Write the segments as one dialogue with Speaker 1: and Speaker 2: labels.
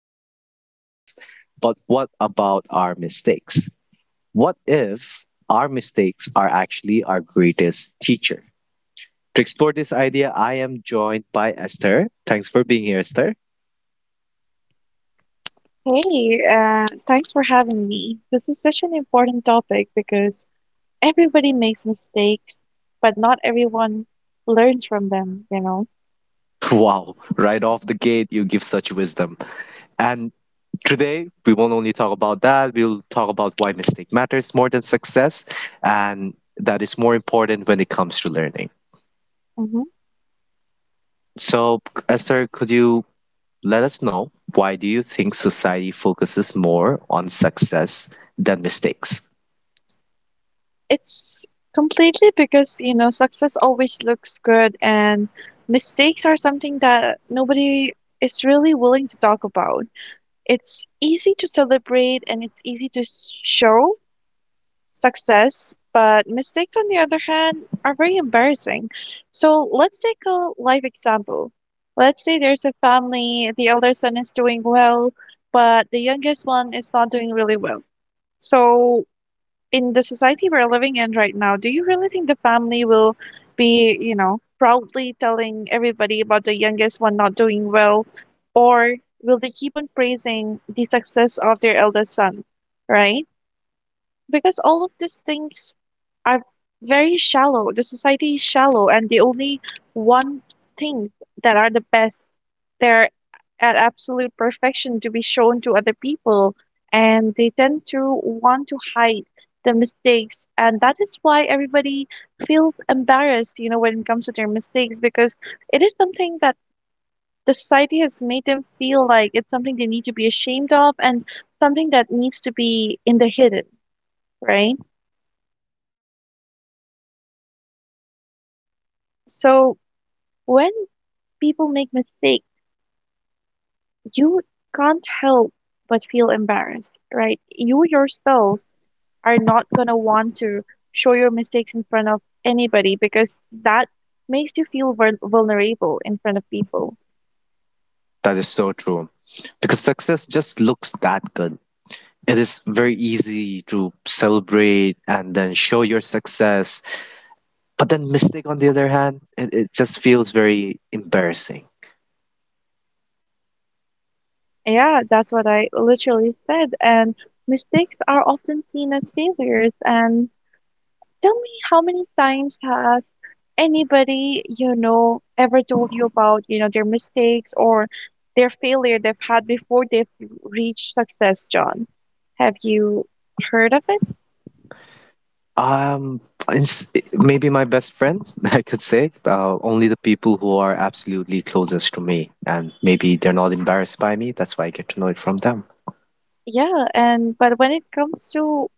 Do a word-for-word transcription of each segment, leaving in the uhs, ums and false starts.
Speaker 1: achievements, with awards. But what about our mistakes? What if our mistakes are actually our greatest teacher? To explore this idea, I am joined by Esther. Thanks for being here, Esther.
Speaker 2: Hey, uh, thanks for having me. This is such an important topic because everybody makes mistakes, but not everyone learns from them, you know?
Speaker 1: Wow, right off the gate, you give such wisdom. And today, we won't only talk about that, we'll talk about why mistake matters more than success and that is more important when it comes to learning.
Speaker 2: Hmm.
Speaker 1: So, Esther, could you let us know why do you think society focuses more on success than mistakes?
Speaker 2: It's completely because, you know, success always looks good, and mistakes are something that nobody is really willing to talk about. It's easy to celebrate and it's easy to s- show, success, but mistakes, on the other hand, are very embarrassing. So let's take a life example. Let's say there's a family, the elder son is doing well, but the youngest one is not doing really well. So, in the society we're living in right now, do you really think the family will be, you know, proudly telling everybody about the youngest one not doing well? Or will they keep on praising the success of their eldest son, right? Because all of these things are very shallow. The society is shallow, and they only want things that are the best. They're at absolute perfection to be shown to other people, and they tend to want to hide the mistakes. And that is why everybody feels embarrassed, you know, when it comes to their mistakes, because it is something that the society has made them feel like it's something they need to be ashamed of and something that needs to be in the hidden, right? So when people make mistakes, you can't help but feel embarrassed, right? You yourself are not going to want to show your mistakes in front of anybody because that makes you feel vul- vulnerable in front of people.
Speaker 1: That is so true because success just looks that good, it is very easy to celebrate and then show your success, but then mistake on the other hand, it, it just feels very embarrassing.
Speaker 2: Yeah, that's what I literally said. And mistakes are often seen as failures. And tell me how many times have anybody, you know, ever told you about, you know, their mistakes or their failure they've had before they've reached success, John? Have you heard of it?
Speaker 1: um it's- Maybe my best friend, I could say, uh, only the people who are absolutely closest to me, and maybe they're not embarrassed by me, that's why I get to know it from them.
Speaker 2: Yeah, and but when it comes to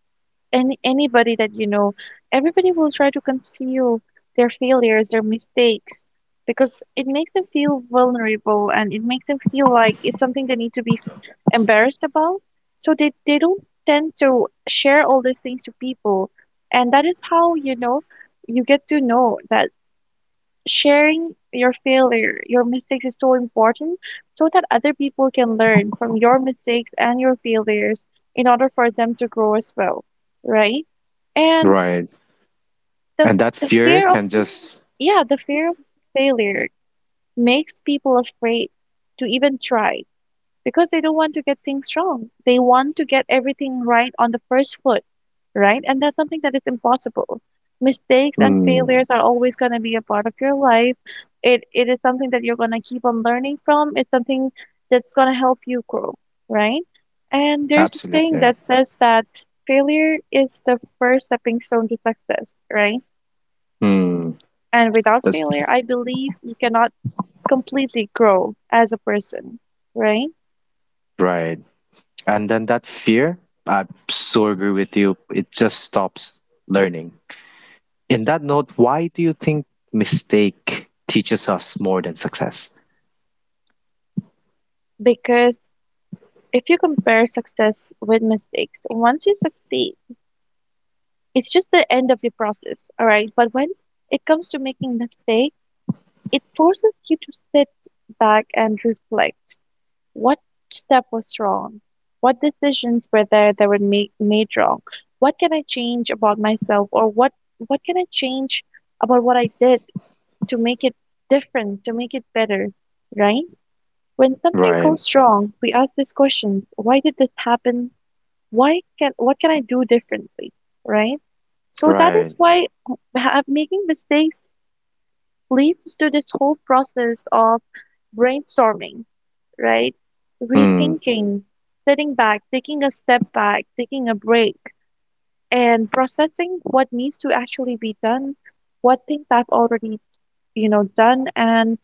Speaker 2: any anybody that you know, everybody will try to conceal their failures, their mistakes, because it makes them feel vulnerable and it makes them feel like it's something they need to be embarrassed about. So they, they don't tend to share all these things to people. And that is how, you know, you get to know that sharing your failure, your mistakes is so important so that other people can learn from your mistakes and your failures in order for them to grow as well, right? And
Speaker 1: Right.
Speaker 2: the
Speaker 1: And that
Speaker 2: the
Speaker 1: fear
Speaker 2: fear of
Speaker 1: can just,
Speaker 2: yeah, the fear of failure makes people afraid to even try because they don't want to get things wrong. They want to get everything right on the first foot, right? And that's something that is impossible. Mistakes and
Speaker 1: mm,
Speaker 2: failures are always going to be a part of your life. It it is something that you're going to keep on learning from. It's something that's going to help you grow, right? And there's a saying
Speaker 1: absolutely.
Speaker 2: that says that failure is the first stepping stone to success, right?
Speaker 1: Mm,
Speaker 2: And without
Speaker 1: that's
Speaker 2: failure, I believe you cannot completely grow as a person, right?
Speaker 1: right. And then that fear, I so agree with you, it just stops learning. In that note, why do you think mistake teaches us more than success?
Speaker 2: Because if you compare success with mistakes, once you succeed, it's just the end of the process, all right? But when it comes to making mistake, it forces you to sit back and reflect. What step was wrong? What decisions were there that were made, made wrong? What can I change about myself or what what can I change about what I did to make it different, to make it better, right? When something
Speaker 1: Right,
Speaker 2: goes wrong, we ask this question, why did this happen? Why can what can I do differently, right? So that is
Speaker 1: right.
Speaker 2: why ha- making mistakes leads to this whole process of brainstorming, right,
Speaker 1: Hmm.
Speaker 2: rethinking, sitting back, taking a step back, taking a break, and processing what needs to actually be done, what things I've already, you know, done, and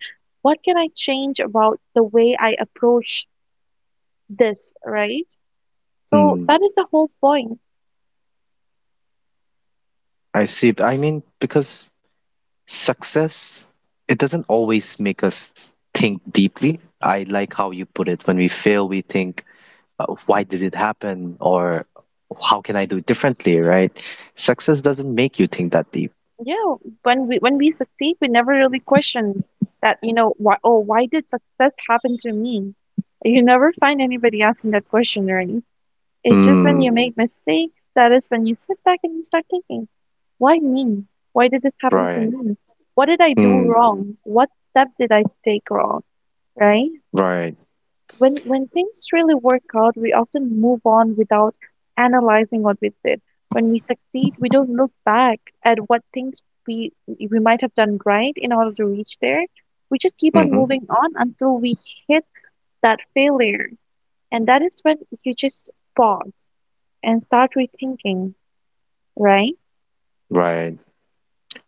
Speaker 2: what can I change about the way I approach this, right? So
Speaker 1: Hmm.
Speaker 2: that is the whole point.
Speaker 1: I see. I mean, because success, it doesn't always make us think deeply. I like how you put it. When we fail, we think, uh, why did it happen? Or how can I do it differently, right? Success doesn't make you think that deep.
Speaker 2: Yeah, when we when we succeed, we never really question that, you know, why oh, why did success happen to me? You never find anybody asking that question, right? It's just when
Speaker 1: Hmm.
Speaker 2: you make mistakes, that is when you sit back and you start thinking, why me? Why did this happen to
Speaker 1: Right.
Speaker 2: me? What did I do
Speaker 1: Mm,
Speaker 2: wrong? What step did I take wrong? Right?
Speaker 1: right.
Speaker 2: When when things really work out, we often move on without analyzing what we did. When we succeed, we don't look back at what things we we might have done right in order to reach there. We just keep on
Speaker 1: Mm-hmm.
Speaker 2: moving on until we hit that failure. And that is when you just pause and start rethinking, right?
Speaker 1: Right.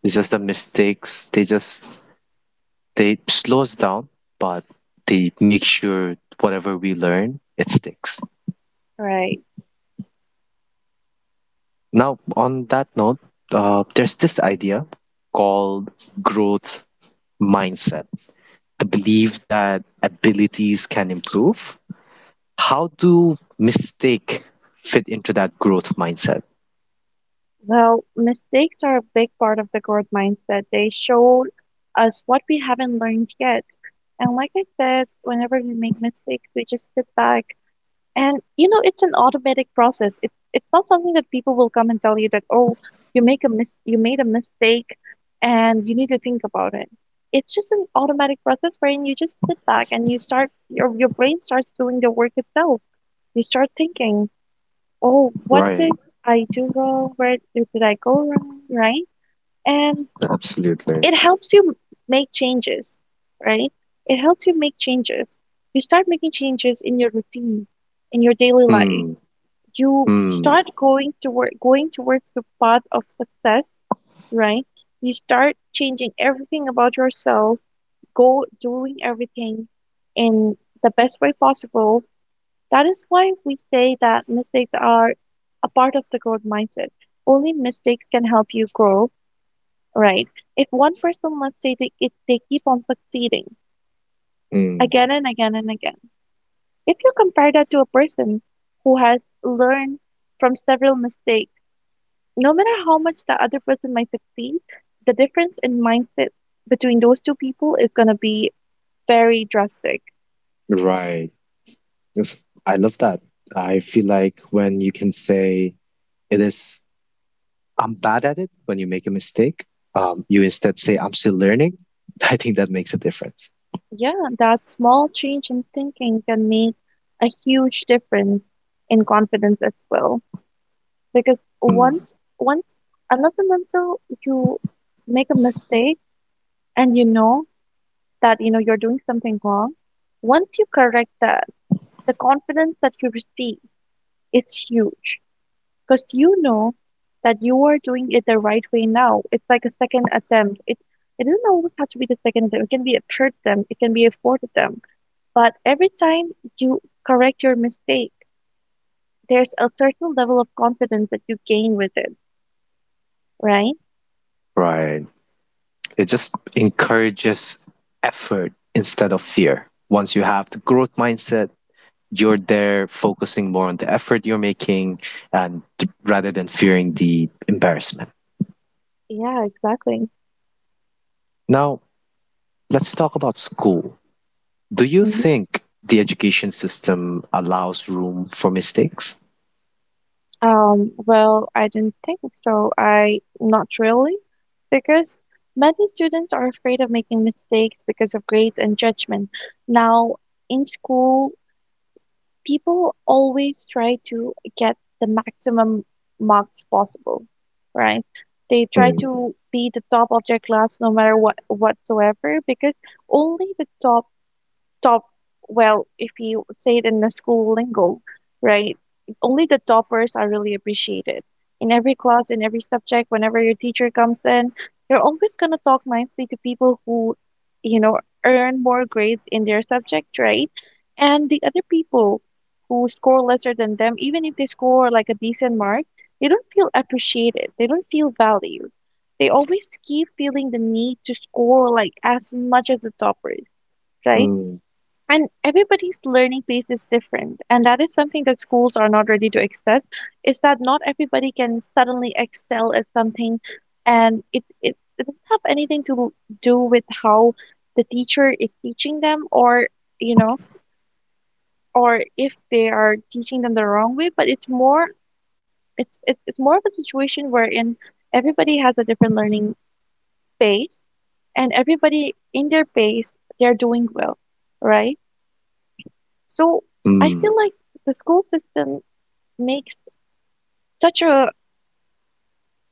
Speaker 1: It's just the mistakes. They just, they slow us down, but they make sure whatever we learn, it sticks.
Speaker 2: Right.
Speaker 1: Now, on that note, uh, there's this idea called growth mindset, the belief that abilities can improve. How do mistake fit into that growth mindset?
Speaker 2: Well, mistakes are a big part of the growth mindset. They show us what we haven't learned yet. And like I said, whenever you make mistakes, we just sit back. And you know, it's an automatic process. It's it's not something that people will come and tell you that, oh, you make a mis you made a mistake and you need to think about it. It's just an automatic process wherein you just sit back and you start your your brain starts doing the work itself. You start thinking, oh, what
Speaker 1: Right.
Speaker 2: did I do wrong? Where did I go wrong? Right? And
Speaker 1: Absolutely.
Speaker 2: it helps you make changes, right? It helps you make changes. You start making changes in your routine, in your daily life.
Speaker 1: Hmm.
Speaker 2: You
Speaker 1: Hmm.
Speaker 2: start going toward going towards the path of success, right? You start changing everything about yourself, go doing everything in the best way possible. That is why we say that mistakes are a part of the growth mindset. Only mistakes can help you grow. Right. If one person, let's say they it, they keep on succeeding
Speaker 1: Hmm.
Speaker 2: again and again and again. If you compare that to a person who has learned from several mistakes, no matter how much the other person might succeed, the difference in mindset between those two people is going to be very drastic.
Speaker 1: Right. Yes, I love that. I feel like when you can say it is, I'm bad at it, when you make a mistake, um, you instead say, I'm still learning. I think that makes a difference.
Speaker 2: Yeah, that small change in thinking can make a huge difference in confidence as well. Because
Speaker 1: Mm,
Speaker 2: once, once, unless and until you make a mistake and you know that you know you're doing something wrong, once you correct that, the confidence that you receive is huge, because you know that you are doing it the right way now. It's like a second attempt. It it doesn't always have to be the second attempt. It can be a third attempt, it can be a fourth attempt, but every time you correct your mistake, there's a certain level of confidence that you gain with it, right?
Speaker 1: right. It just encourages effort instead of fear. Once you have the growth mindset, you're there focusing more on the effort you're making and rather than fearing the embarrassment.
Speaker 2: Yeah, exactly.
Speaker 1: Now, let's talk about school. Do you
Speaker 2: Mm-hmm.
Speaker 1: think the education system allows room for mistakes?
Speaker 2: Um, well, I don't think so. I not really, because many students are afraid of making mistakes because of grades and judgment. Now, in school, people always try to get the maximum marks possible, right? They try
Speaker 1: Mm,
Speaker 2: to be the top of their class no matter what whatsoever, because only the top top, well, if you say it in the school lingo, right? Only the toppers are really appreciated. In every class, in every subject, whenever your teacher comes in, you're always going to talk nicely to people who, you know, earn more grades in their subject, right? And the other people who score lesser than them, even if they score like a decent mark, they don't feel appreciated. They don't feel valued. They always keep feeling the need to score like as much as the toppers, right?
Speaker 1: mm,
Speaker 2: And everybody's learning pace is different. And that is something that schools are not ready to accept, is that not everybody can suddenly excel at something. And it, it, it doesn't have anything to do with how the teacher is teaching them or, you know, or if they are teaching them the wrong way, but it's more it's it's, it's more of a situation wherein everybody has a different learning pace and everybody in their pace they're doing well, right? So I feel
Speaker 1: mm,
Speaker 2: like the school system makes such a,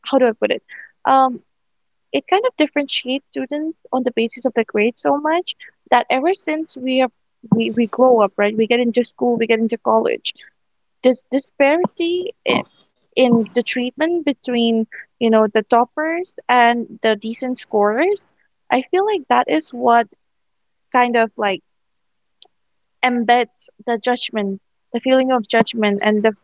Speaker 2: how do I put it? Um, it kind of differentiates students on the basis of their grades so much that ever since we are we, we grow up, right? We get into school, we get into college. This disparity i- in the treatment between, you know, the toppers and the decent scorers, I feel like that is what kind of like embeds the judgment, the feeling of judgment and the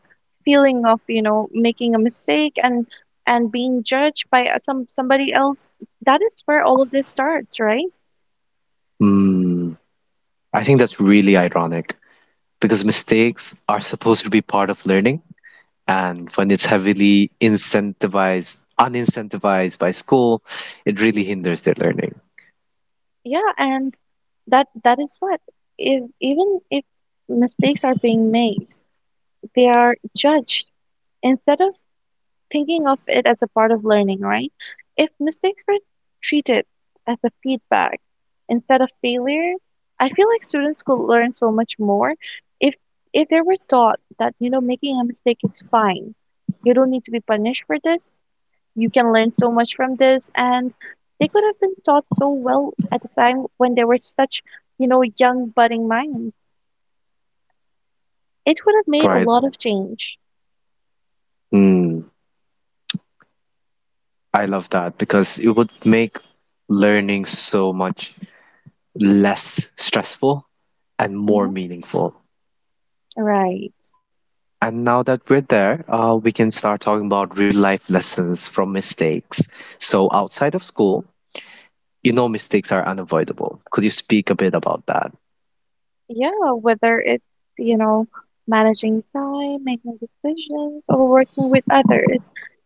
Speaker 2: feeling of, you know, making a mistake and and being judged by uh, some somebody else, that is where all of this starts, right?
Speaker 1: mm. I think that's really ironic because mistakes are supposed to be part of learning, and when it's heavily incentivized, unincentivized by school, it really hinders their learning,
Speaker 2: Yeah, and that that is what, if even if mistakes are being made, they are judged instead of thinking of it as a part of learning, right? If mistakes were treated as a feedback instead of failure, I feel like students could learn so much more if if they were taught that, you know, making a mistake is fine. You don't need to be punished for this. You can learn so much from this, and they could have been taught so well at the time when they were such, you know, young budding minds. It would have made a
Speaker 1: right?
Speaker 2: lot of change.
Speaker 1: Mm, I love that because it would make learning so much less stressful and more
Speaker 2: Mhm.
Speaker 1: meaningful.
Speaker 2: Right.
Speaker 1: And now that we're there, uh, we can start talking about real life lessons from mistakes. So, outside of school, you know, mistakes are unavoidable. Could you speak a bit about that?
Speaker 2: Yeah, whether it's, you know, managing time, making decisions, or working with others.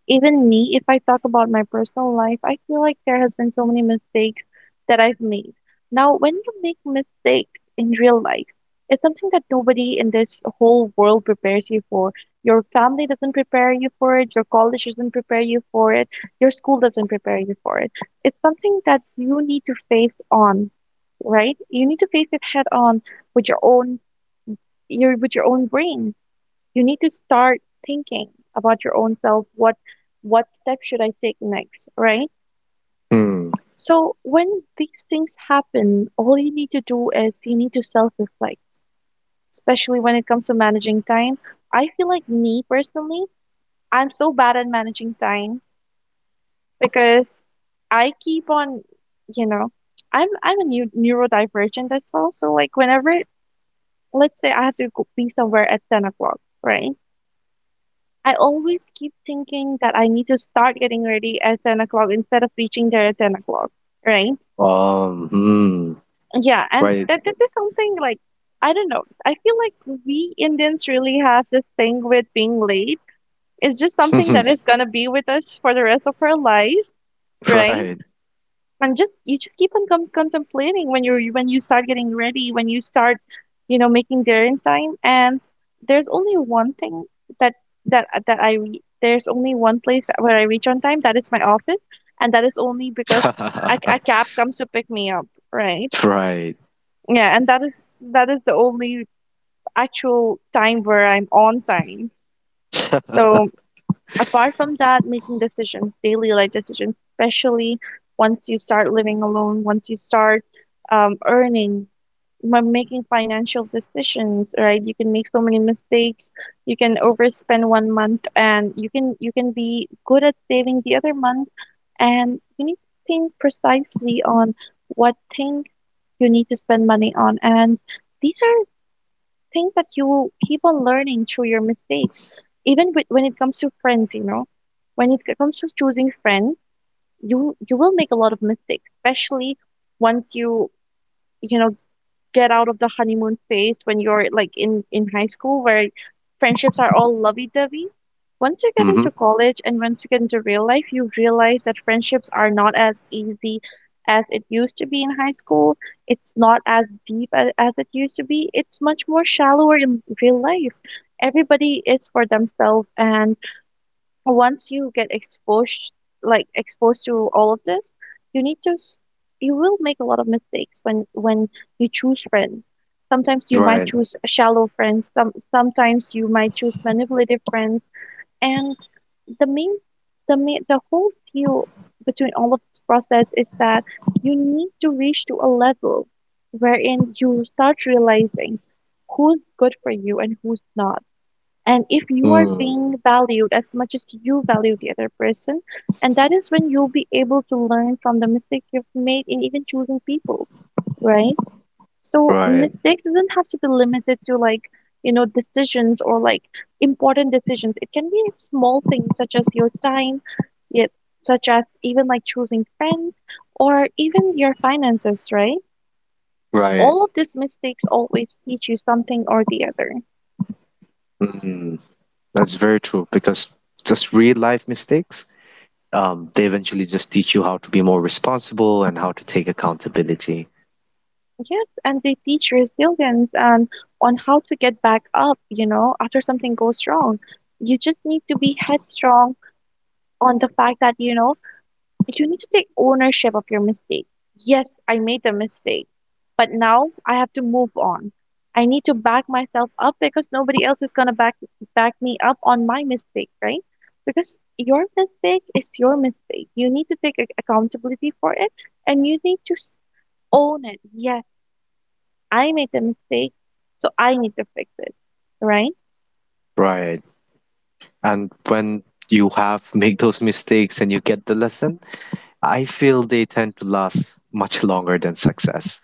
Speaker 2: Even me, if I talk about my personal life, I feel like there has been so many mistakes that I've made. Now, when you make mistakes in real life, it's something that nobody in this whole world prepares you for. Your family doesn't prepare you for it, your college doesn't prepare you for it, your school doesn't prepare you for it. It's something that you need to face on, right? You need to face it head on with your own your with your own brain. You need to start thinking about your own self. What what step should I take next? Right?
Speaker 1: Hmm.
Speaker 2: So when these things happen, all you need to do is you need to self reflect, especially when it comes to managing time. I feel like me personally, I'm so bad at managing time because I keep on, you know, I'm I'm a new neurodivergent as well. So like whenever let's say I have to go, be somewhere at ten o'clock, right? I always keep thinking that I need to start getting ready at ten o'clock instead of reaching there at ten o'clock, right?
Speaker 1: Um, hmm.
Speaker 2: Yeah, and
Speaker 1: Right.
Speaker 2: that this is something like, I don't know. I feel like we Indians really have this thing with being late. It's just something that is gonna be with us for the rest of our lives, right?
Speaker 1: Right.
Speaker 2: And just you just keep on com- contemplating when you're when you start getting ready when you start you know making dinner in time, and there's only one thing that that that i re- there's only one place where I reach on time, that is my office. And that is only because a, a cab comes to pick me up, right?
Speaker 1: Right.
Speaker 2: Yeah, and that is that is the only actual time where I'm on time. So apart from that, making decisions, daily life decisions, especially once you start living alone, once you start um, earning, m- making financial decisions, right? You can make so many mistakes. You can overspend one month, and you can you can be good at saving the other month, and you need to think precisely on what thing you need to spend money on, and these are think that you keep on learning through your mistakes. Even with, when it comes to friends, you know, when it comes to choosing friends, you you will make a lot of mistakes, especially once you you know get out of the honeymoon phase when you're like in in high school where friendships are all lovey-dovey. Once you get
Speaker 1: Mm-hmm.
Speaker 2: into college and once you get into real life, you realize that friendships are not as easy as it used to be in high school. It's not as deep as, as it used to be. It's much more shallower in real life. Everybody is for themselves, and once you get exposed, like exposed to all of this, you need to s- you will make a lot of mistakes when when you choose friends. Sometimes you might
Speaker 1: Right.
Speaker 2: choose shallow friends, some sometimes you might choose manipulative friends. And the main the main the whole deal between all of this process is that you need to reach to a level wherein you start realizing who's good for you and who's not, and if you are
Speaker 1: Mm.
Speaker 2: being valued as much as you value the other person. And that is when you'll be able to learn from the mistakes you've made in even choosing people, right? So
Speaker 1: Right.
Speaker 2: mistakes doesn't have to be limited to like, you know decisions or like important decisions. It can be small things such as your time, yet such as even like choosing friends or even your finances, right?
Speaker 1: Right.
Speaker 2: All of these mistakes always teach you something or the other.
Speaker 1: Mm. That's very true because just real life mistakes, um, they eventually just teach you how to be more responsible and how to take accountability.
Speaker 2: Yes, and they teach resilience and on how to get back up, you know, after something goes wrong. You just need to be headstrong on the fact that, you know, you need to take ownership of your mistake. Yes, I made the mistake, but now I have to move on. I need to back myself up because nobody else is gonna back back me up on my mistake, right? Because your mistake is your mistake. You need to take ac- accountability for it, and you need to s- own it. Yes. I made the mistake, so I need to fix it, right?
Speaker 1: Right. And when you have make those mistakes and you get the lesson, I feel they tend to last much longer than success.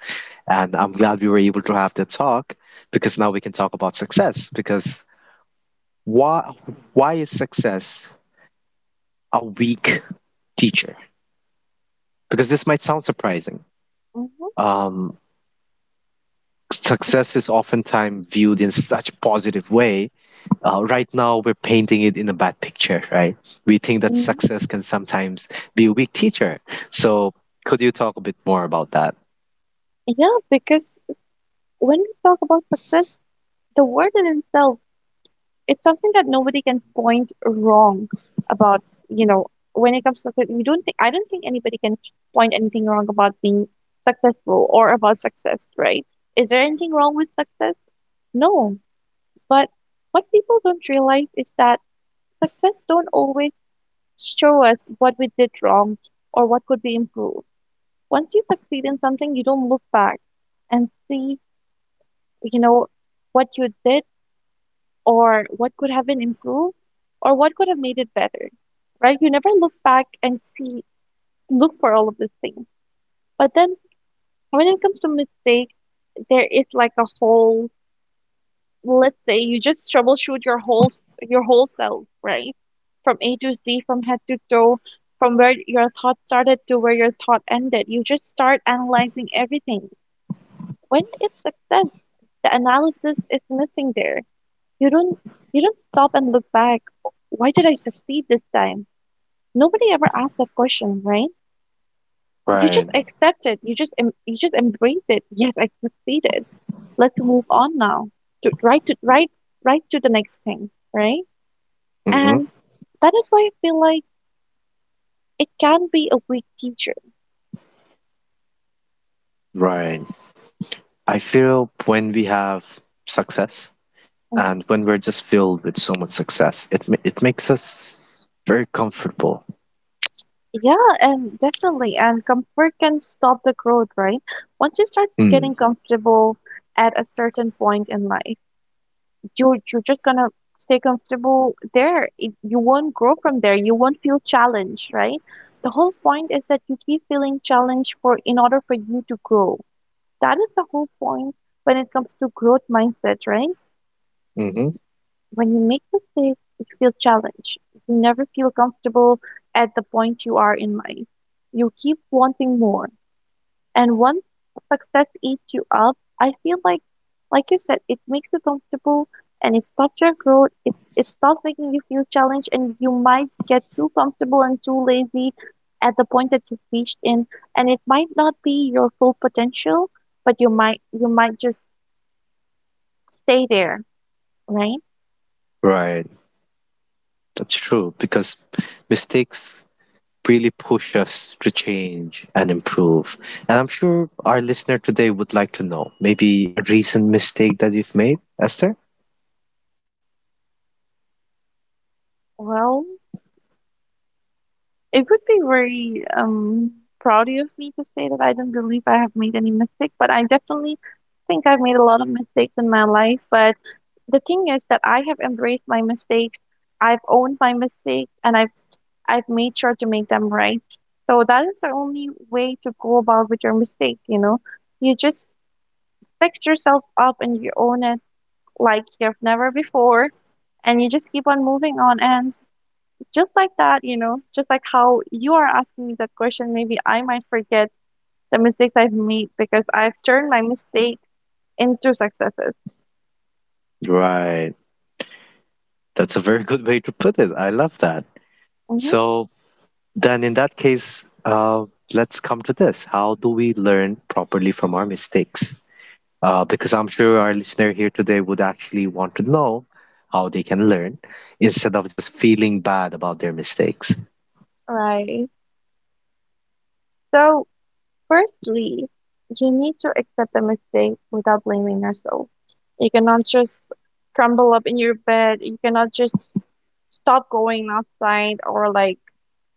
Speaker 1: And I'm glad we were able to have the talk because now we can talk about success. Because why why is success a weak teacher? Because this might sound surprising.
Speaker 2: Mhm.
Speaker 1: Um, success is oftentimes viewed in such positive way, uh, right now we're painting it in a bad picture, right? We think that
Speaker 2: Mhm.
Speaker 1: success can sometimes be a weak teacher, so could you talk a bit more about that?
Speaker 2: Yeah, because when we talk about success, the word in itself, it's something that nobody can point wrong about, you know, when it comes to success, we don't think, I don't think anybody can point anything wrong about being successful or about success, right? Is there anything wrong with success? No, but what people don't realize is that success don't always show us what we did wrong or what could be improved. Once you succeed in something, you don't look back and see, you know, what you did or what could have been improved or what could have made it better, right? You never look back and see, look for all of these things. But then when it comes to mistakes, there is like a whole, let's say you just troubleshoot your whole, your whole self, right? From A to Z, from head to toe, from where your thought started to where your thought ended. You just start analyzing everything. When When is success? The analysis is missing there. You don't you don't stop and look back. Why did I succeed this time? Nobody ever asks that question, right? You just
Speaker 1: Right,
Speaker 2: accept it. You just em- you just embrace it. Yes, I succeeded. Let's move on now. To, right to right right to the next thing, right?
Speaker 1: hmm,
Speaker 2: And that is why I feel like it can be a weak teacher.
Speaker 1: right. I feel when we have success and when we're just filled with so much success, it, ma- it makes us very comfortable.
Speaker 2: Yeah, and definitely, and comfort can stop the growth, right? Once you start
Speaker 1: Mm.
Speaker 2: getting comfortable at a certain point in life, you're you're just gonna stay comfortable there. It- You won't grow from there. You won't feel challenged, right? The whole point is that you keep feeling challenged for in order for you to grow. That is the whole point when it comes to growth mindset, right?
Speaker 1: Hmm,
Speaker 2: When you make mistakes, you feel challenged. You never feel comfortable at the point you are in life. You keep wanting more. And once success eats you up, I feel like, like you said, it makes you comfortable and it stops your growth. It it stops making you feel challenged, and you might get too comfortable and too lazy at the point that you've reached in. And it might not be your full potential, but you might you might just stay there, right?
Speaker 1: right. That's true because mistakes really push us to change and improve. And I'm sure our listener today would like to know maybe a recent mistake that you've made, Esther?
Speaker 2: Well, it would be very um, proud of me to say that I don't believe I have made any mistake, but I definitely think I've made a lot of mistakes in my life. But the thing is that I have embraced my mistakes, I've owned my mistakes, and I've I've made sure to make them right. So that is the only way to go about with your mistake. You know, you just pick yourself up and you own it like you've never before, and you just keep on moving on. And just like that, you know, just like how you are asking me that question, maybe I might forget the mistakes I've made because I've turned my mistakes into successes.
Speaker 1: Right. That's a very good way to put it. I love that.
Speaker 2: Hmm.
Speaker 1: So, then in that case, uh, let's come to this. How do we learn properly from our mistakes? Uh, because I'm sure our listener here today would actually want to know how they can learn instead of just feeling bad about their mistakes.
Speaker 2: Right. So, firstly, you need to accept the mistake without blaming yourself. You cannot just crumble up in your bed. You cannot just stop going outside, or like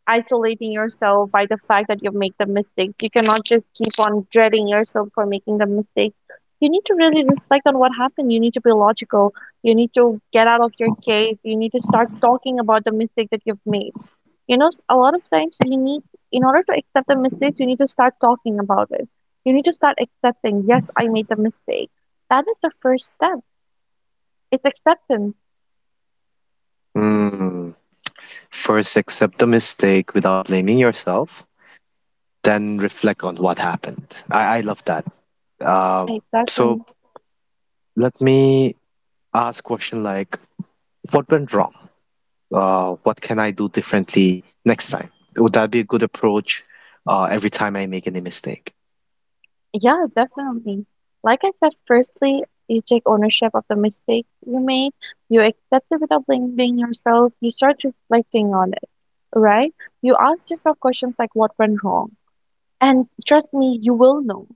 Speaker 2: isolating yourself by the fact that you have made the mistakes. You cannot just keep on dreading yourself for making the mistakes. You need to really reflect on what happened. You need to be logical. You need to get out of your cave. You need to start talking about the mistake that you've made. You know, a lot of times you need, in order to accept the mistakes, you need to start talking about it. You need to start accepting, yes, I made the mistake. That is the first step. It's acceptance.
Speaker 1: Hmm. First, accept the mistake without blaming yourself, then reflect on what happened. I, I love that. Um so
Speaker 2: Exactly.
Speaker 1: let me ask question like, what went wrong? Uh, what can I do differently next time? Would that be a good approach uh, every time I make any mistake?
Speaker 2: Yeah, definitely. Like I said, firstly, you take ownership of the mistakes you made. You accept it without blaming yourself. You start reflecting on it, right? You ask yourself questions like what went wrong. And trust me, you will know.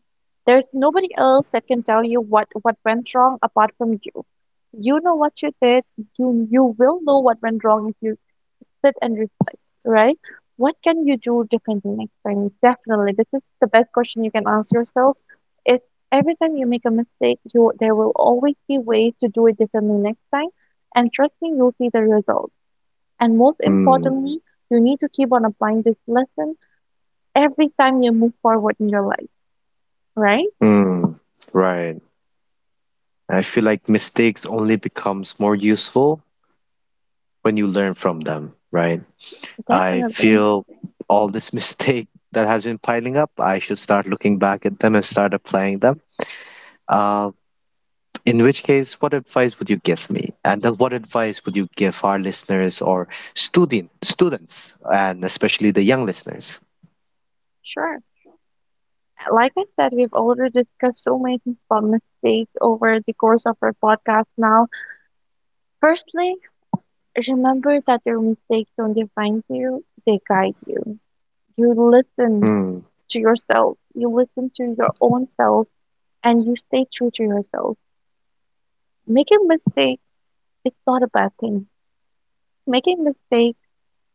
Speaker 2: There's nobody else that can tell you what, what went wrong apart from you. You know what you did. You you will know what went wrong if you sit and reflect, right? What can you do differently next time? Definitely, this is the best question you can ask yourself. It's every time you make a mistake, you there will always be ways to do it differently next time, and trust me, you'll see the results. And most
Speaker 1: Hmm.
Speaker 2: importantly, you need to keep on applying this lesson every time you move forward in your life, right?
Speaker 1: Hmm. Right. I feel like mistakes only becomes more useful when you learn from them, right? I
Speaker 2: Definitely.
Speaker 1: feel all this mistake that has been piling up, I should start looking back at them and start applying them. Uh, in which case, what advice would you give me? And then what advice would you give our listeners or student students, and especially the young listeners?
Speaker 2: Sure. Like I said, we've already discussed so many things about mistakes over the course of our podcast now. Firstly, remember that your mistakes don't define you, they guide you. You
Speaker 1: Mm.
Speaker 2: listen to yourself, you listen to your own self, and you stay true to yourself. Making mistakes is not a bad thing. Making mistakes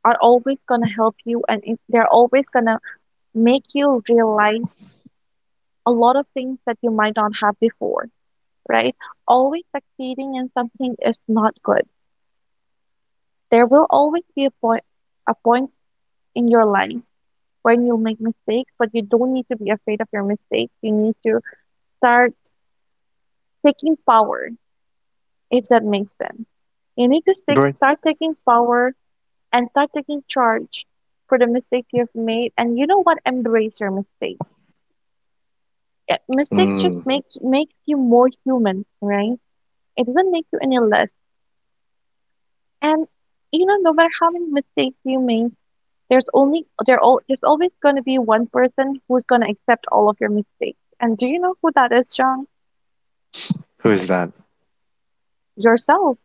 Speaker 2: are always going to help you, and it- they're always going to make you realize a lot of things that you might not have before, right? Always succeeding in something is not good. There will always be a point, a point in your life when you make mistakes, but you don't need to be afraid of your mistakes. You need to start taking power, if that makes sense. You need to stick,
Speaker 1: Right.
Speaker 2: start taking power and start taking charge for the mistakes you've made. And you know what? Embrace your mistakes. Yeah, mistakes just
Speaker 1: Mm.
Speaker 2: make makes you more human, right? It doesn't make you any less. And you know, no matter how many mistakes you make, there's only there al- there's always going to be one person who's going to accept all of your mistakes. And do you know who that is, John?
Speaker 1: Who is that?
Speaker 2: Yourself.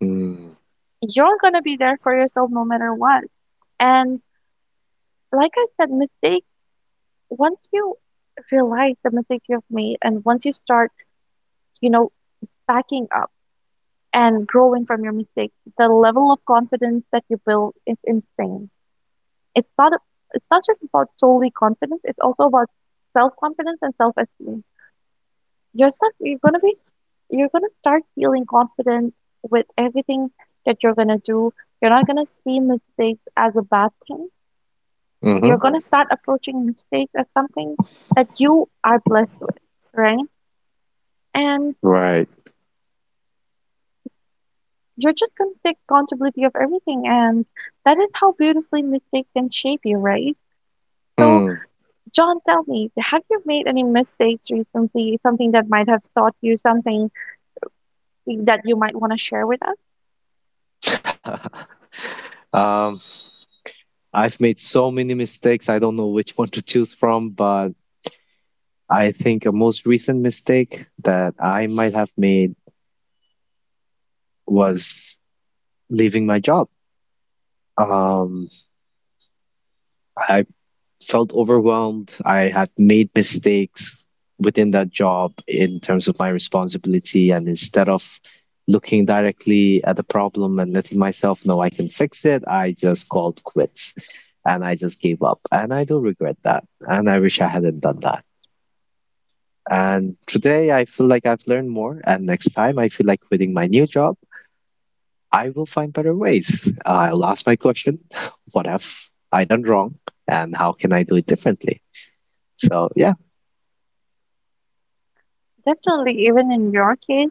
Speaker 1: Mm.
Speaker 2: You're going to be there for yourself no matter what. And like I said, mistakes, once you realize the mistakes you've made and once you start, you know, backing up and growing from your mistakes, the level of confidence that you build is insane. It's not it's not just about solely confidence, it's also about self-confidence and self-esteem. You're stuff you're going to be you're going to start feeling confident with everything that you're going to do. You're not going to see mistakes as a bad thing. You're
Speaker 1: Mm-hmm.
Speaker 2: going to start approaching mistakes as something that you are blessed with, right? And
Speaker 1: Right.
Speaker 2: you're just going to take accountability of everything. And that is how beautifully mistakes can shape you, right? So,
Speaker 1: Mm.
Speaker 2: John, tell me, have you made any mistakes recently? Something that might have taught you something that you might want to share with us?
Speaker 1: um, I've made so many mistakes. I don't know which one to choose from, but I think a most recent mistake that I might have made was leaving my job. Um, I felt overwhelmed. I had made mistakes within that job in terms of my responsibility. And instead of looking directly at the problem and letting myself know I can fix it, I just called quits and I just gave up. And I do regret that. And I wish I hadn't done that. And today I feel like I've learned more. And next time I feel like quitting my new job. I will find better ways. I'll ask my question what have I done wrong and how can I do it differently? So, yeah.
Speaker 2: Definitely, even in your case,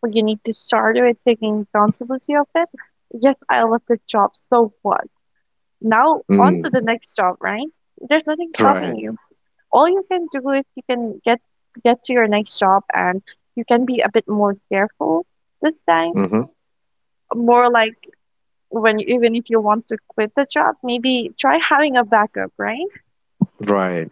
Speaker 2: where you need to start with taking accountability of it. Yes, I love this job. So what? Now on
Speaker 1: Mm,
Speaker 2: to the next job, right? There's nothing stopping
Speaker 1: right.
Speaker 2: you. All you can do is you can get get to your next job and you can be a bit more careful this time.
Speaker 1: Mm,
Speaker 2: More like when you, even if you want to quit the job, maybe try having a backup, right?
Speaker 1: right.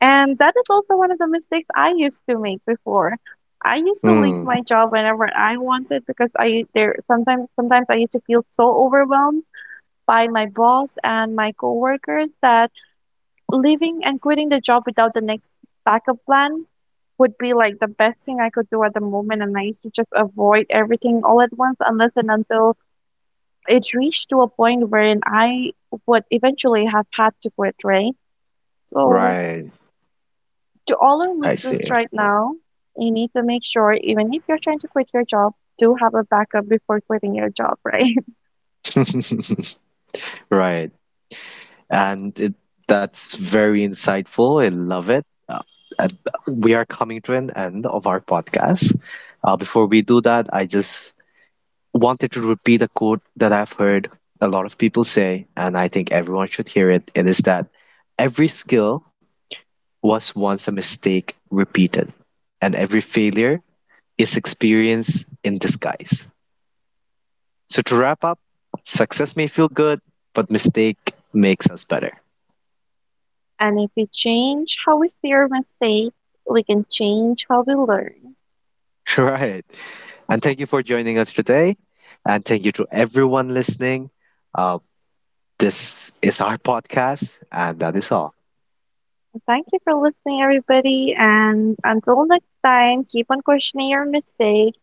Speaker 2: And that is also one of the mistakes I used to make before. I used to leave
Speaker 1: Mm,
Speaker 2: my job whenever I wanted because I there sometimes sometimes I used to feel so overwhelmed by my boss and my coworkers that leaving and quitting the job without the next backup plan would be like the best thing I could do at the moment. And I used to just avoid everything all at once unless and until it reached to a point wherein I would eventually have had to quit, right? So,
Speaker 1: right.
Speaker 2: to all our
Speaker 1: I
Speaker 2: listeners
Speaker 1: see.
Speaker 2: right now, you need to make sure even if you're trying to quit your job, do have a backup before quitting your job, right?
Speaker 1: right. And it, that's very insightful. I love it. Uh, and we are coming to an end of our podcast. Uh, before we do that, I just wanted to repeat a quote that I've heard a lot of people say, and I think everyone should hear it. It is that every skill was once a mistake repeated, and every failure is experience in disguise. So, to wrap up, success may feel good, but mistake makes us better.
Speaker 2: And if we change how we see our mistakes, we can change how we learn.
Speaker 1: Right. And thank you for joining us today. And thank you to everyone listening. Uh, this is our podcast, and that is all.
Speaker 2: Thank you for listening, everybody. And until next time, keep on questioning your mistakes,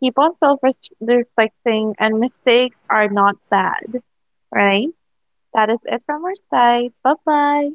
Speaker 2: keep on self reflecting, and mistakes are not bad, right? That is it from our side. Bye bye.